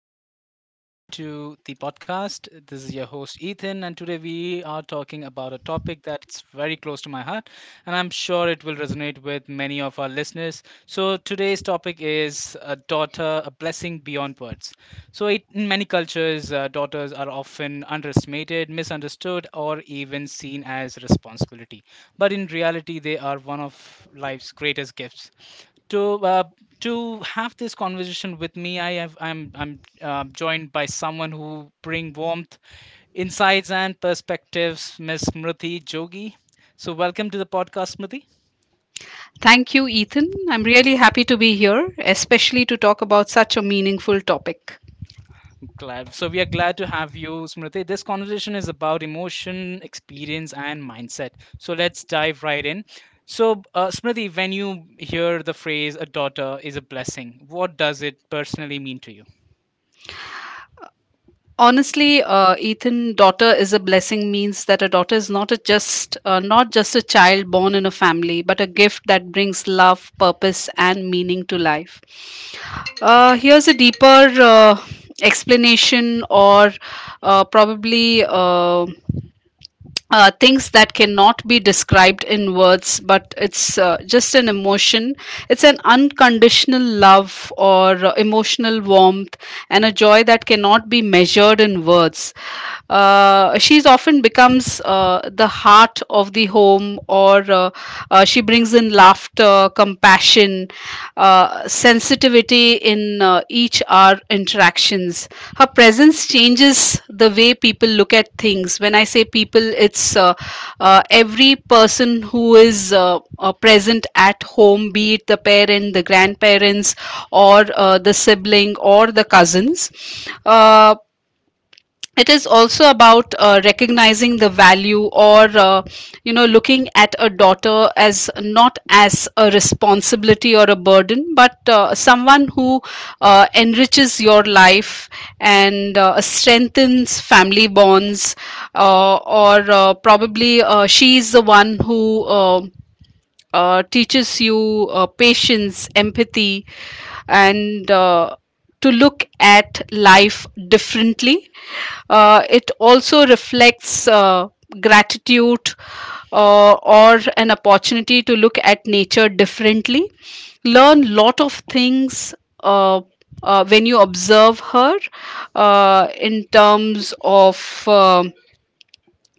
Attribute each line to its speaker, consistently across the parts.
Speaker 1: back to the podcast. This is your host Ethan, and today we are talking about a topic that's very close to my heart, and I'm sure it will resonate with many of our listeners. So, today's topic is a daughter, a blessing beyond words. So, in many cultures, daughters are often underestimated, misunderstood, or even seen as responsibility. But in reality, they are one of life's greatest gifts to have this conversation with me I have I'm joined by someone who bring warmth, insights and perspectives, Miss Smriti Jogi. So welcome to the podcast, Smriti.
Speaker 2: Thank you, Ethan. I'm really happy to be here, especially to talk about such a meaningful topic.
Speaker 1: Glad, so we are glad to have you, Smriti. This conversation is about emotion, experience and mindset. So let's dive right in. so Smriti, when you hear the phrase "a daughter is a blessing," what does it personally mean to you?
Speaker 2: Honestly, Ethan, daughter is a blessing means that a daughter is not just a child born in a family, but a gift that brings love, purpose, and meaning to life. Here's a deeper uh, explanation, or probably things that cannot be described in words, but it's just an emotion. It's an unconditional love or emotional warmth and a joy that cannot be measured in words. She's often becomes the heart of the home, or she brings in laughter, compassion, sensitivity in each our interactions. Her presence changes the way people look at things. When I say people, it's every person who is present at home, be it the parent, the grandparents, or the sibling, or the cousins. Uh, it is also about recognizing the value or looking at a daughter as not as a responsibility or a burden, but someone who enriches your life and strengthens family bonds, or probably she is the one who teaches you patience, empathy, and to look at life differently. It also reflects gratitude, or an opportunity to look at nature differently. Learn lot of things. Uh, when you observe her in terms of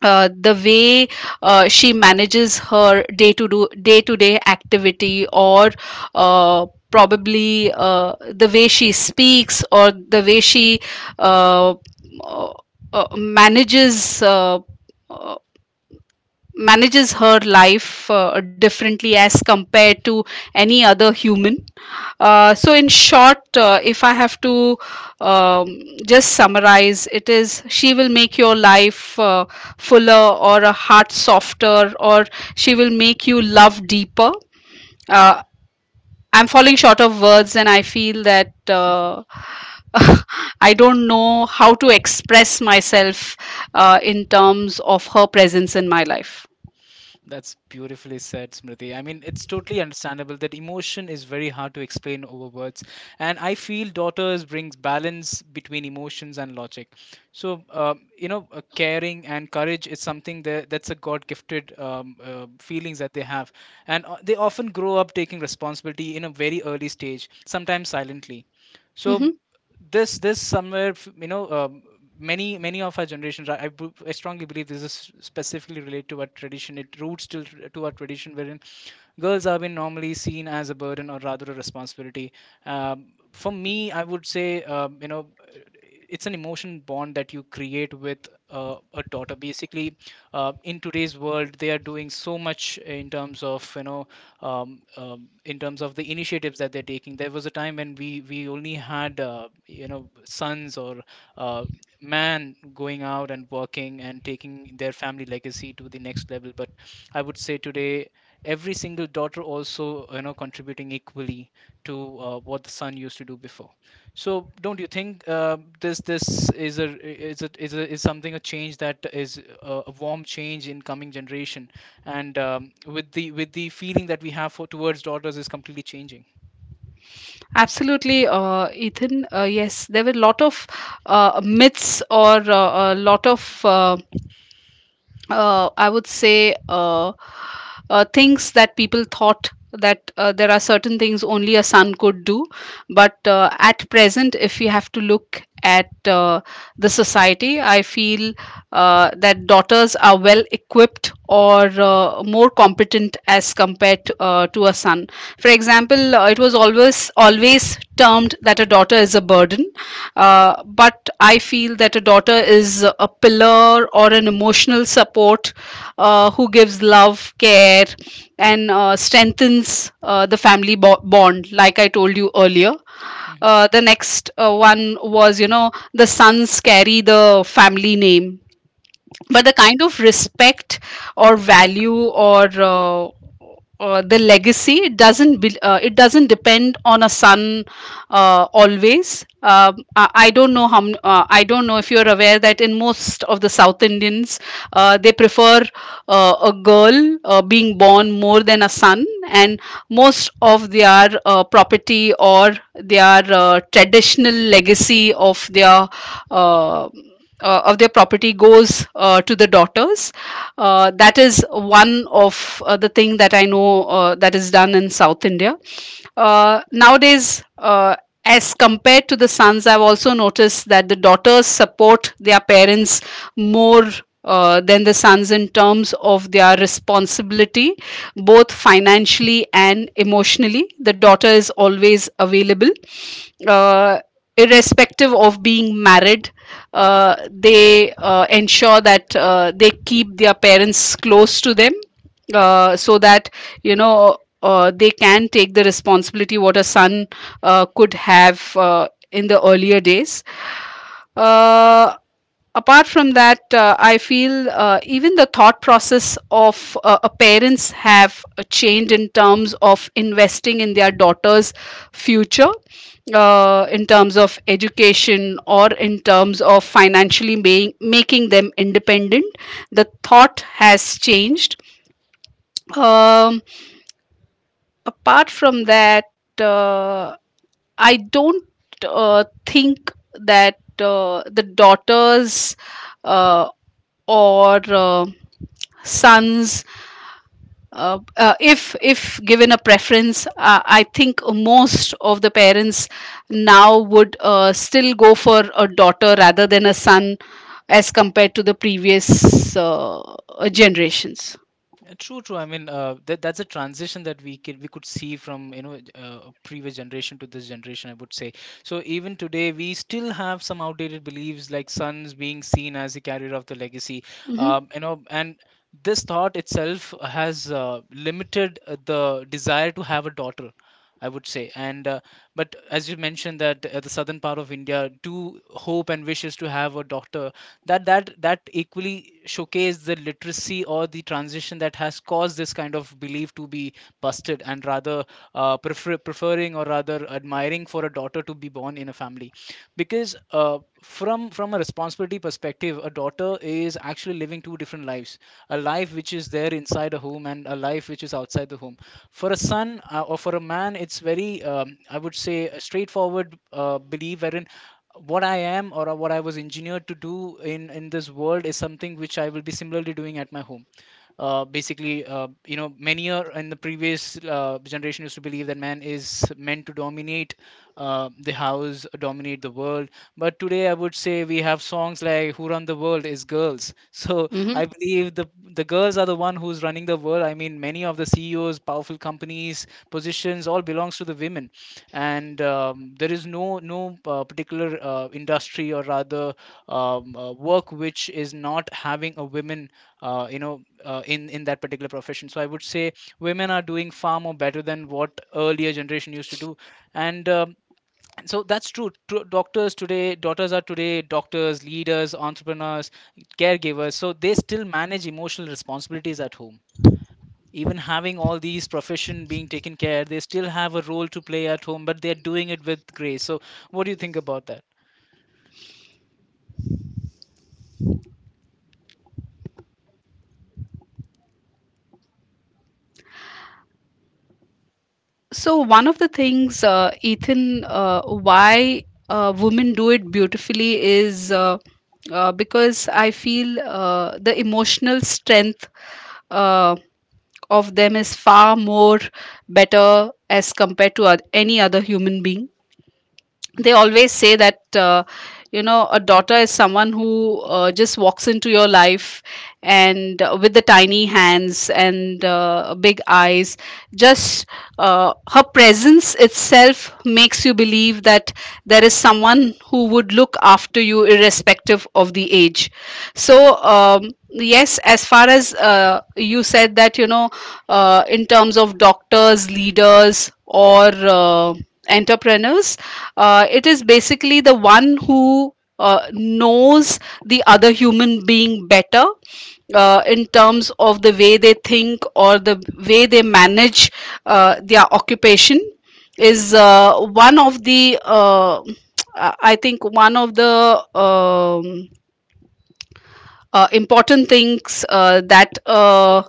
Speaker 2: the way she manages her day to day activity, or uh, probably uh, the way she speaks or the way she uh, uh, uh, manages uh, uh, manages her life differently as compared to any other human. So, in short, if I have to um, just summarize, it is she will make your life fuller or a heart softer, or she will make you love deeper. Uh, I'm falling short of words, and I feel that. I don't know how to express myself in terms of her presence in my life.
Speaker 1: That's beautifully said, Smriti. I mean, it's totally understandable that emotion is very hard to explain over words. And I feel daughters brings balance between emotions and logic. So, caring and courage is something that that's a God-gifted feelings that they have. And they often grow up taking responsibility in a very early stage, sometimes silently. So
Speaker 2: Mhm.
Speaker 1: this somewhere many of our generations, I strongly believe this is specifically related to our tradition. It roots still to our tradition, wherein girls have been normally seen as a burden or rather a responsibility. For me, I would say, it's an emotion bond that you create with a daughter, basically. In today's world, they are doing so much in terms of, in terms of the initiatives that they're taking. There was a time when we only had, sons or uh, man going out and working and taking their family legacy to the next level. But I would say today every single daughter also, you know, contributing equally to what the son used to do before. So, don't you think this is a, is something, a change that is a warm change in coming generation, and with the feeling that we have for towards daughters is completely changing?
Speaker 2: Absolutely, Ethan. Yes, there were a lot of myths, or a lot of I would say things that people thought that there are certain things only a son could do. But at present, if we have to look at the society, I feel that daughters are well equipped or more competent as compared to, to a son. For example, it was always termed that a daughter is a burden, but I feel that a daughter is a pillar or an emotional support, who gives love, care, and strengthens the family bond, like I told you earlier.
Speaker 1: Hmm
Speaker 2: The next one was, you know, the sons carry the family name, but
Speaker 1: True.
Speaker 2: the kind of respect or value or the legacy, it doesn't depend on a son always. I don't know how I don't know if you're aware that in most of the South Indians, they prefer a girl being born more than a son, and most of their property or their traditional legacy of their uh, of their property goes to the daughters. That is one of the thing that I know that is done in South India. Nowadays, as compared to the sons, I've also noticed that the daughters support their parents more. Than the sons in terms of their responsibility, both financially and emotionally. The daughter is always available, uh, irrespective of being married. They ensure that they keep their parents close to them, so that they can take the responsibility what a son could have in the earlier days. uh, Apart from that, I feel even the thought process of a parents have changed in terms of investing in their daughter's future, in terms of education or in terms of financially making them independent. The thought has changed. Um, Apart from that, uh, I don't think that the daughters, uh, or sons, if given a preference, I think most of the parents now would still go for a daughter rather than a son, as compared to the previous generations.
Speaker 1: True. I mean, that that's a transition that we could see from, previous generation to this generation, I would say. So, even today, we still have some outdated beliefs, like sons being seen as the carrier of the legacy.
Speaker 2: Hmm.
Speaker 1: And this thought itself has limited the desire to have a daughter, I would say. And uh, but as you mentioned that the southern part of India do hope and wishes to have a daughter, that that equally showcase the literacy or the transition that has caused this kind of belief to be busted, and rather preferring or rather admiring for a daughter to be born in a family. Because from a responsibility perspective, a daughter is actually living two different lives: a life which is there inside a home and a life which is outside the home. For a son, or for a man, it's very, I would say, a straightforward belief, wherein what I am, or what I was engineered to do in this world is something which I will be similarly doing at my home. Basically, many, are in the previous generation, used to believe that man is meant to dominate the house, dominate the world. But today, I would say we have songs like "Who Run the World" is girls. So I believe the girls are the one who's running the world. I mean, many of the CEOs, powerful companies, positions, all belongs to the women. And there is no, particular industry or rather, work which is not having a women in that particular profession. So I would say women are doing far more better than what earlier generation used to do. And um, so that's true. True, doctors, today, daughters are today doctors, leaders, entrepreneurs, caregivers. So they still manage emotional responsibilities at home. Even having all these profession being taken care they still have a role to play at home, but they're doing it with grace. So what do you think about that?
Speaker 2: So one of the things, Ethan, why women do it beautifully is because I feel the emotional strength uh, of them is far more better as compared to any other human being. They
Speaker 1: Mhm.
Speaker 2: always say that a daughter is someone who just walks into your life and with the tiny hands and big eyes, just her presence itself makes you believe that there is someone who would look after you irrespective of the age. So, yes, as far as you said that, you know, in terms of doctors, leaders, or uh, entrepreneurs, it is basically the one who knows the other human being better, in terms of the way they think or the way they manage their occupation. Is one of the I think one of the important things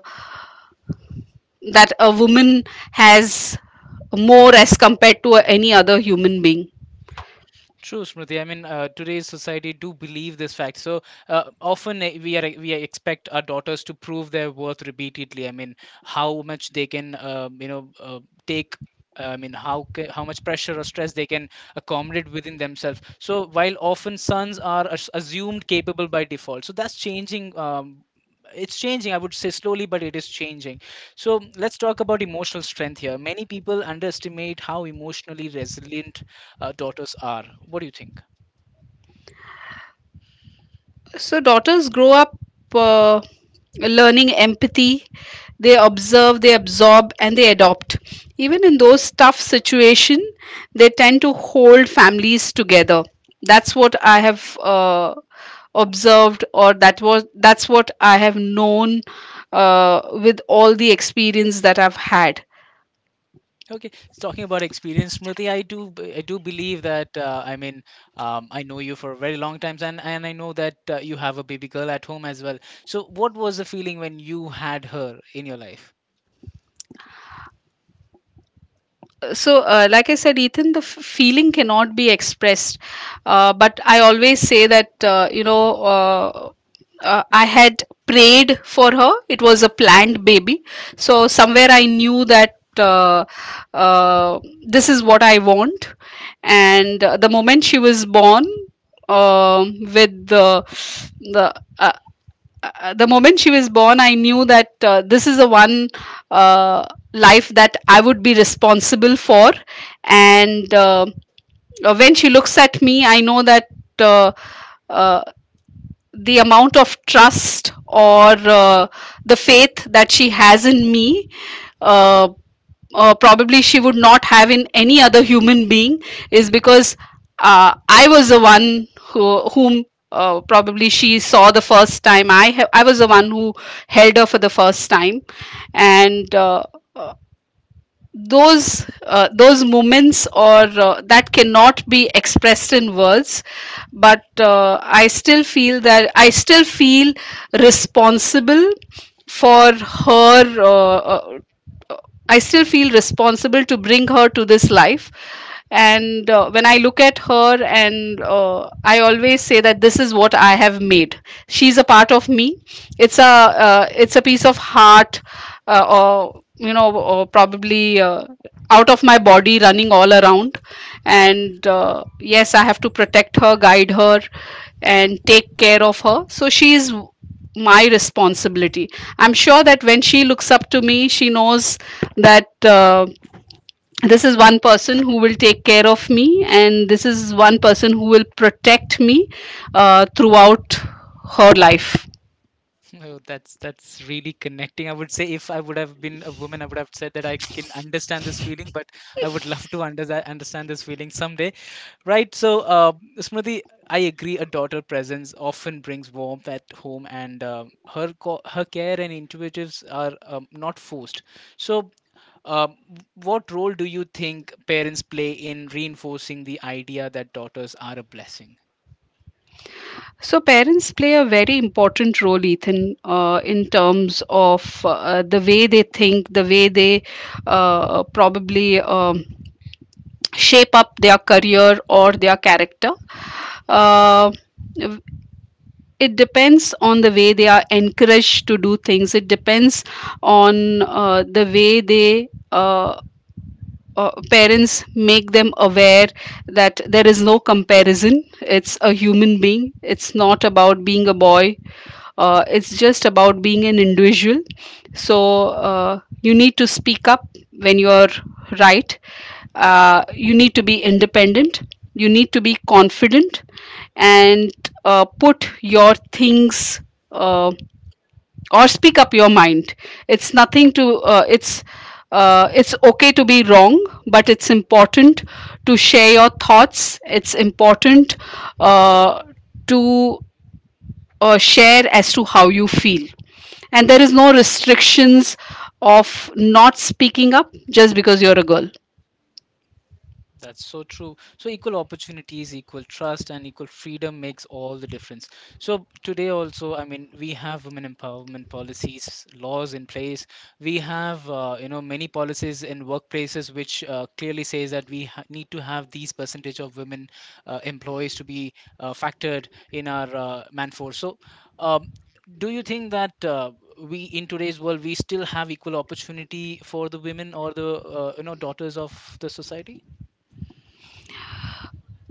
Speaker 2: that a woman has more as compared to any other human being.
Speaker 1: True, Smriti. I mean, today's society do believe this fact. So often, we expect our daughters to prove their worth repeatedly. I mean, how much they can, take. I mean, how much pressure or stress they can accommodate within themselves. So while often sons are assumed capable by default, so that's changing. It's changing, I would say, slowly, but it is changing. So let's talk about emotional strength here. Many people underestimate how emotionally resilient daughters are. What do you think?
Speaker 2: So daughters grow up uh, learning empathy. They observe, they absorb, and they adopt. Even in those tough situations, they tend to hold families together. That's what I have observed, or that's what I have known with all the experience that I've had.
Speaker 1: Okay, it's talking about experience, Smriti. I do believe that. I mean, I know you for a very long times, and I know that you have a baby girl at home as well. So, what was the feeling when you had her in your life?
Speaker 2: So, like I said, Ethan, feeling cannot be expressed, but I always say that, I had prayed for her. It was a planned baby, so somewhere I knew that this is what I want. And the moment she was born, with uh, the moment she was born, I knew that this is the one uh, life that I would be responsible for. And When she looks at me, I know that uh, uh, the amount of trust or the faith that she has in me, uh, probably she would not have in any other human being, is because I was the one who, whom probably she saw the first time. I was the one who held her for the first time, and those moments, or that cannot be expressed in words, but I still feel that I still feel responsible for her. I still feel responsible to bring her to this life. And when I look at her, and I always say that this is what I have made. She's a part of me. it's a it's a piece of heart, or you know or probably out of my body running all around. And yes, I have to protect her, guide her, and take care of her. So she is my responsibility. I'm sure that when she looks up to me, she knows that this is one person who will take care of me, and this is one person who will protect me throughout her life.
Speaker 1: Oh, that's really connecting. I would say if I would have been a woman, I would have said that I can understand this feeling, but I would love to understand this feeling someday. Right. So, Smriti, I agree. A daughter presence often brings warmth at home, and her care and intuitives are, not forced. So, um, what role do you think parents play in reinforcing the idea that daughters are a blessing?
Speaker 2: So parents play a very important role, Ethan, in terms of the way they think, the way they probably shape up their career or their character. uh, it depends on the way they are encouraged to do things. It depends on the way they, parents make them aware that there is no comparison. It's a human being. It's not about being a boy. It's just about being an individual. So you need to speak up when you're right. You need to be independent. You need to be confident, and put your things. Uh, or speak up your mind. It's nothing to it's It's okay to be wrong, but it's important to share your thoughts. It's important, uh, to share as to how you feel, and there is no restrictions of not speaking up just because you're a girl.
Speaker 1: That's so true. So equal opportunities, equal trust, and equal freedom makes all the difference. So today also, I mean, we have women empowerment policies, laws in place. We have, many policies in workplaces which clearly says that need to have these percentage of women employees to be factored in our manforce. So, um, do you think that we in today's world, we still have equal opportunity for the women or the, daughters of the society?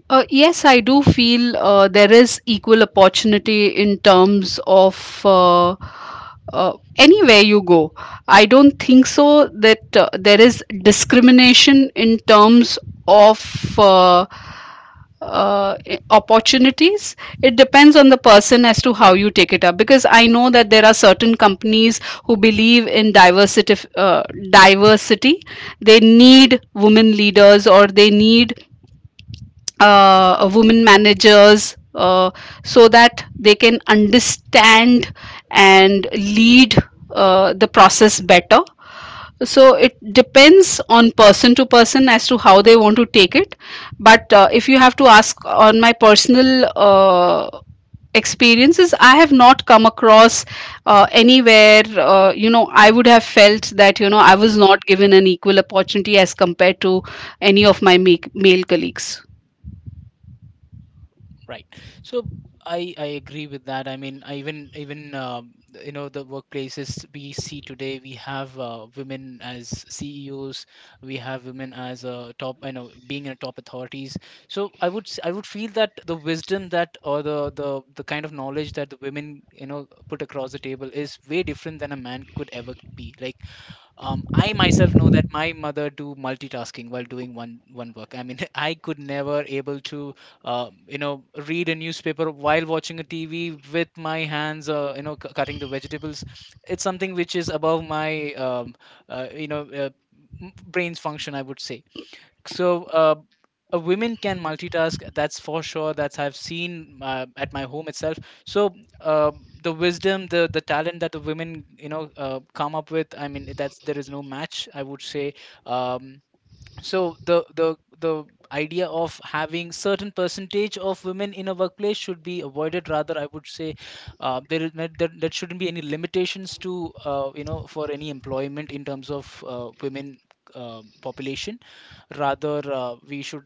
Speaker 2: Yes, I do feel there is equal opportunity in terms of anywhere you go. I don't think so that there is discrimination in terms of uh, opportunities. It depends on the person as to how you take it up. Because I know that there are certain companies who believe in diversity. Diversity, they need women leaders, or they need women managers, so that they can understand and lead the process better. So it depends on person to person as to how they want to take it. But if you have to ask on my personal experiences, I have not come across anywhere, I would have felt that, I was not given an equal opportunity as compared to any of my male colleagues.
Speaker 1: Right. So I agree with that. I mean, I even even you know the workplaces we see today, we have women as CEOs, we have women as, top, you know, being in top authorities. So I would I would feel that the wisdom that, or the the kind of knowledge that the women, you know, put across the table is way different than a man could ever be. Like, I myself know that my mother do multitasking while doing one work. I mean, I could never able to read a newspaper while watching a TV with my hands, cutting the vegetables. It's something which is above my, uh, you know uh, brain's function, I would say. So, a women can multitask. That's for sure. That's I've seen at my home itself. So, the wisdom, the talent that the women, you know, come up with. I mean, that's, there is no match, I would say. Um, so the idea of having certain percentage of women in a workplace should be avoided. Rather I would say, there is not, there shouldn't be any limitations to, for any employment in terms of women population. Rather we should,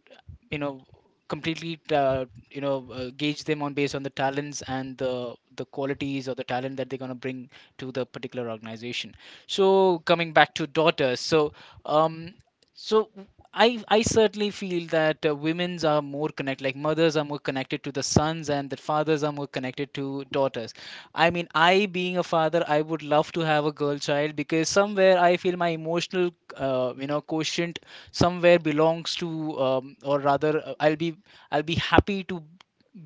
Speaker 1: you know, completely, gauge them on based on the talents and the qualities or the talent that they're going to bring to the particular organization. So coming back to daughters, so, um so I certainly feel that women's are more connected, like mothers are more connected to the sons, and that fathers are more connected to daughters. I mean, I being a father, I would love to have a girl child because somewhere I feel my emotional, quotient somewhere belongs to, or rather, I'll be happy to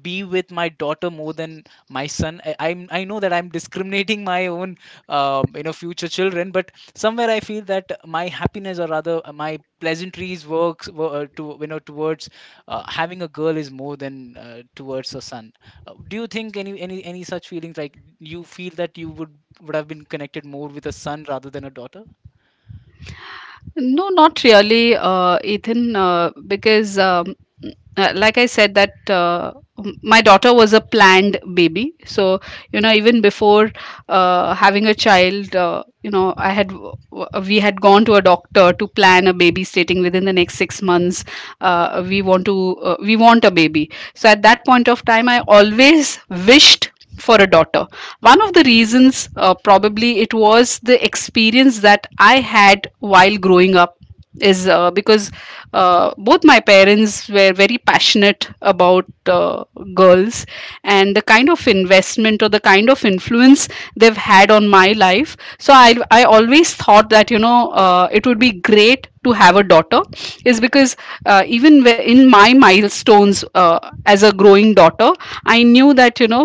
Speaker 1: be with my daughter more than my son. I know that I'm discriminating my own future children, but somewhere I feel that my happiness, or rather my pleasantries works to towards having a girl is more than towards a son. Do you think any such feelings, like you feel that you would have been connected more with a son rather than a daughter?
Speaker 2: No, not really, Ethan, because like I said that my daughter was a planned baby. So, you know, even before having a child you know I had we had gone to a doctor to plan a babysitting within the next 6 months. We want to we want a baby, so at that point of time I always wished for a daughter. One of the reasons, probably it was the experience that I had while growing up is because both my parents were very passionate about girls and the kind of investment or the kind of influence they've had on my life. So I always thought that you know it would be great to have a daughter is because in my milestones as a growing daughter I knew that you know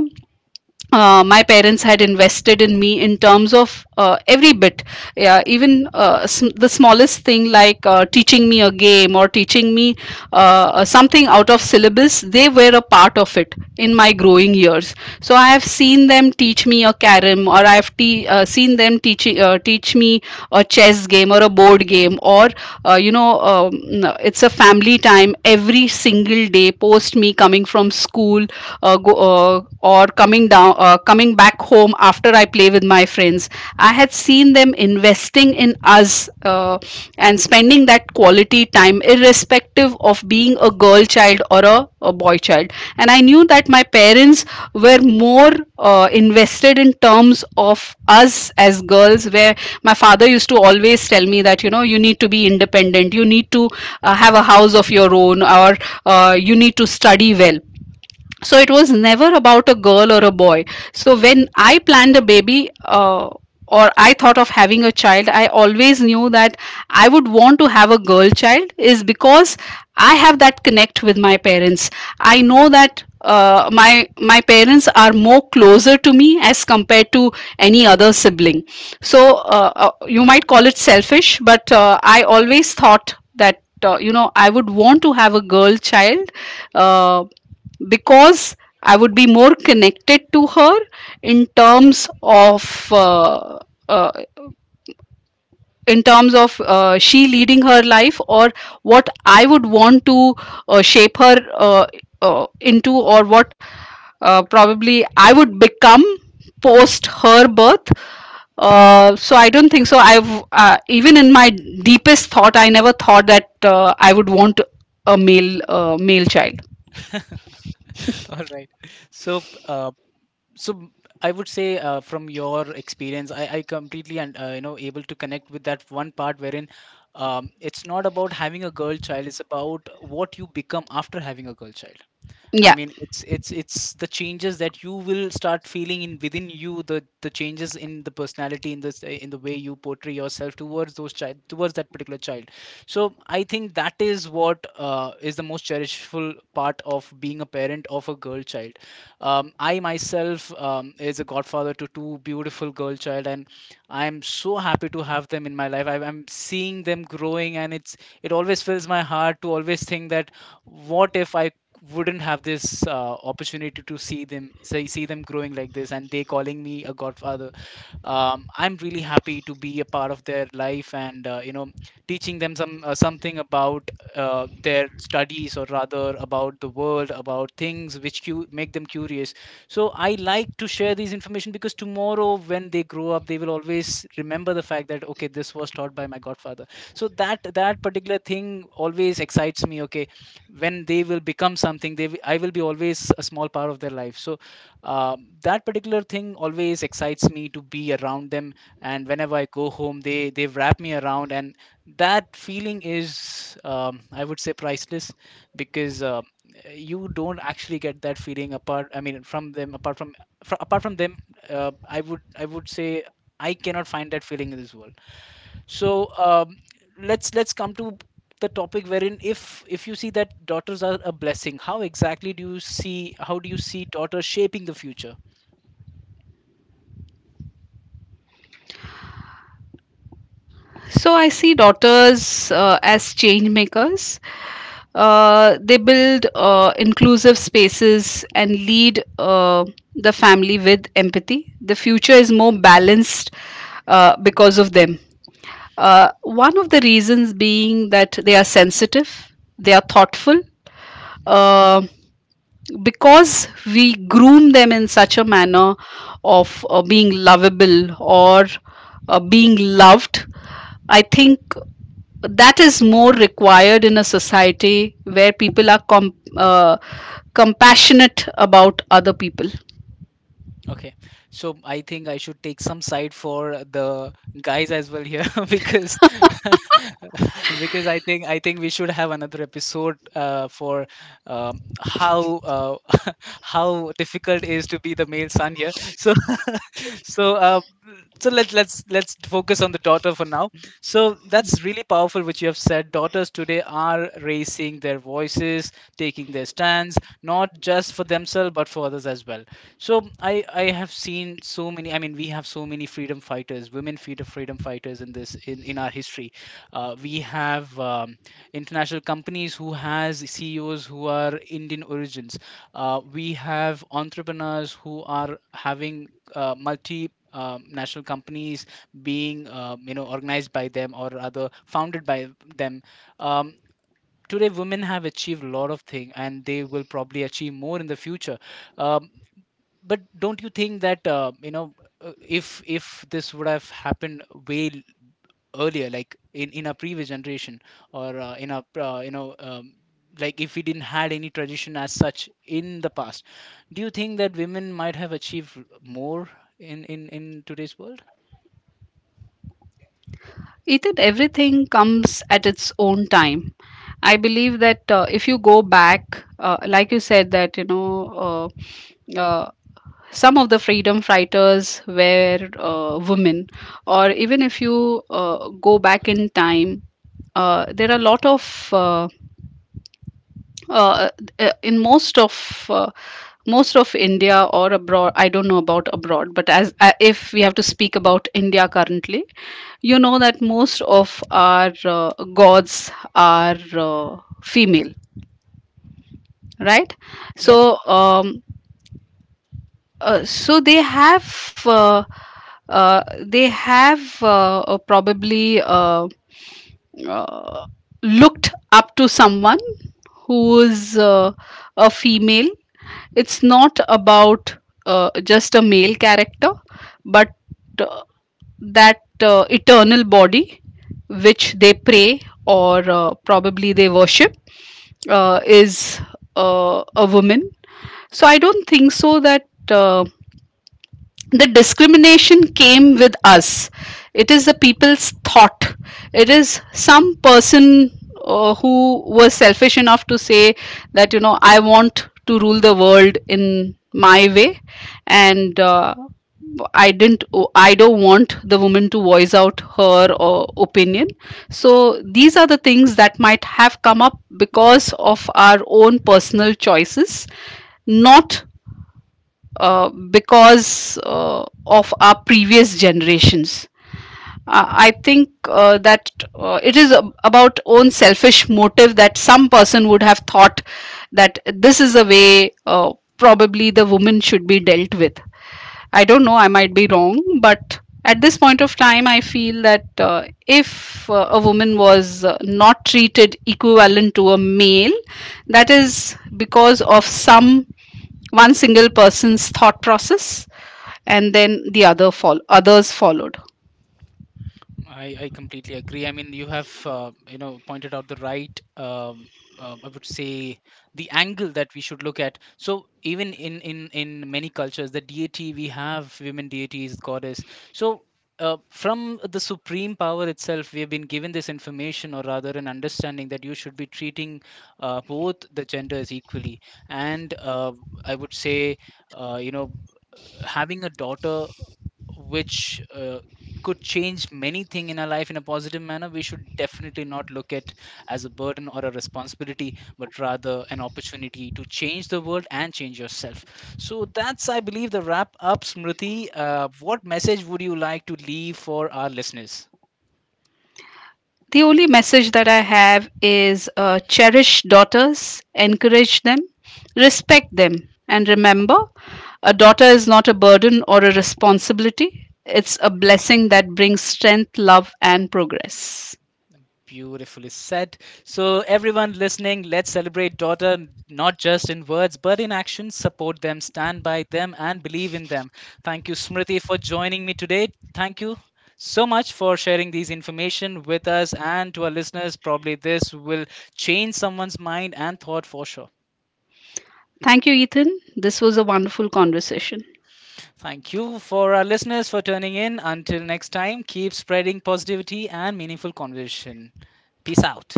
Speaker 2: my parents had invested in me in terms of every bit, yeah, even the smallest thing like teaching me a game or teaching me something out of syllabus. They were a part of it in my growing years. So I have seen them teach me a carom, or I have seen them teach me a chess game or a board game, or uh, you know, um, it's a family time every single day post me coming from school, uh, go, uh, uh, or coming back home after I play with my friends. I had seen them investing in us, uh, and spending that quality time irrespective of being a girl child or a boy child. And I knew that my parents were more invested in terms of us as girls, where my father used to always tell me that you know you need to be independent, you need to have a house of your own or you need to study well. So it was never about a girl or a boy. So when I planned a baby, or I thought of having a child, I always knew that I would want to have a girl child is because I have that connect with my parents. I know that my parents are more closer to me as compared to any other sibling. So you might call it selfish, but I always thought that you know I would want to have a girl child, uh, because I would be more connected to her in terms of uh, uh, in terms of she leading her life, or what I would want to shape her into, or what probably I would become post her birth. So I don't think so. I've even in my deepest thought, I never thought that I would want a male child.
Speaker 1: All right, so so m- I would say from your experience, I completely and able to connect with that one part wherein it's not about having a girl child, it's about what you become after having a girl child. I
Speaker 2: Yeah.
Speaker 1: mean, it's the changes that you will start feeling in within you, the changes in the personality, in this in the way you portray yourself towards those child, towards that particular child. So I think that is what is the most cherishful part of being a parent of a girl child. I myself is a godfather to two beautiful girl child, and I am so happy to have them in my life. I'm seeing them growing, and it's it always fills my heart to always think that what if I wouldn't have this opportunity to see them say see them growing like this and they calling me a godfather. I'm really happy to be a part of their life, and teaching them something about their studies, or rather about the world, about things which make them curious. So I like to share these information because tomorrow when they grow up, they will always remember the fact that okay, this was taught by my godfather. So that particular thing always excites me. Okay, when they will become something, they I will be always a small part of their life. So that particular thing always excites me to be around them. And whenever I go home, they wrap me around, and that feeling is I would say priceless, because you don't actually get that feeling apart, I mean, from them, apart from, apart from them. I would say I cannot find that feeling in this world. So let's come to the topic wherein, if you see that daughters are a blessing, how exactly do you see, how do you see daughters shaping the future?
Speaker 2: So I see daughters as change makers. They build inclusive spaces and lead the family with empathy. The future is more balanced because of them. One of the reasons being that they are sensitive, they are thoughtful,
Speaker 1: Mhm.
Speaker 2: uh, because we groom them in such a manner of being lovable or being loved. I think that is more required in a society where people are compassionate about other people.
Speaker 1: Okay, so I think I should take some side for the guys as well here because because I think we should have another episode for how how difficult is to be the male son here. So so so let's focus on the daughter for now. So that's really powerful what you have said. Daughters today are raising their voices, taking their stands not just for themselves but for others as well. So I have seen so many, I mean, we have so many freedom fighters, women freedom fighters in this in our history. We have international companies who has CEOs who are Indian origins. We have entrepreneurs who are having multi national companies being organized by them, or rather founded by them. um, Today women have achieved a lot of things, and they will probably achieve more in the future. um, but don't you think that if this would have happened way earlier, like in our previous generation, or in our like if we didn't had any tradition as such in the past, do you think that women might have achieved more in today's world?
Speaker 2: Ethan, everything comes at its own time. I believe that if you go back, like you said, that you know, uh, uh, some of the freedom fighters were women, or even if you go back in time, there are a lot of uh, in most of India or abroad. I don't know about abroad, but as if we have to speak about India currently, you know that most of our gods are female, right?
Speaker 1: Yeah.
Speaker 2: So, so they have probably uh, looked up to someone who is a female. It's not about just a male character, but uh, that eternal body which they pray or probably they worship is a woman. So I don't think so that uh, the discrimination came with us. It is the people's thought, it is some person who was selfish enough to say that you know I want to rule the world in my way, and I didn't, I don't want the woman to voice out her opinion. So these are the things that might have come up because of our own personal choices, not because of our previous generations. I think that it is about own selfish motive that some person would have thought that this is the way probably the woman should be dealt with. I don't know, I might be wrong, but at this point of time, I feel that if a woman was not treated equivalent to a male, that is because of some one single person's thought process, and then the other others followed.
Speaker 1: I completely agree. I mean, you have pointed out the right. I would say the angle that we should look at. So even in many cultures, the deity, we have women deities, goddess. So. From the supreme power itself, we have been given this information, or rather, an understanding that you should be treating both the genders equally. And I would say, uh, you know, having a daughter which could change many things in our life in a positive manner, we should definitely not look at as a burden or a responsibility, but rather an opportunity to change the world and change yourself. So that's, I believe, the wrap up, Smriti. What message would you like to leave for our listeners?
Speaker 2: The only message that I have is cherish daughters, encourage them, respect them, and remember a daughter is not a burden or a responsibility. It's a blessing that brings strength, love, and progress.
Speaker 1: Beautifully said. So, everyone listening, let's celebrate daughter not just in words but in action. Support them, stand by them, and believe in them. Thank you, Smriti, for joining me today. Thank you so much for sharing these information with us and to our listeners. Probably this will change someone's mind and thought for sure.
Speaker 2: Thank you, Ethan. This was a wonderful conversation.
Speaker 1: Thank you for our listeners for tuning in. Until next time, keep spreading positivity and meaningful conversation. Peace out.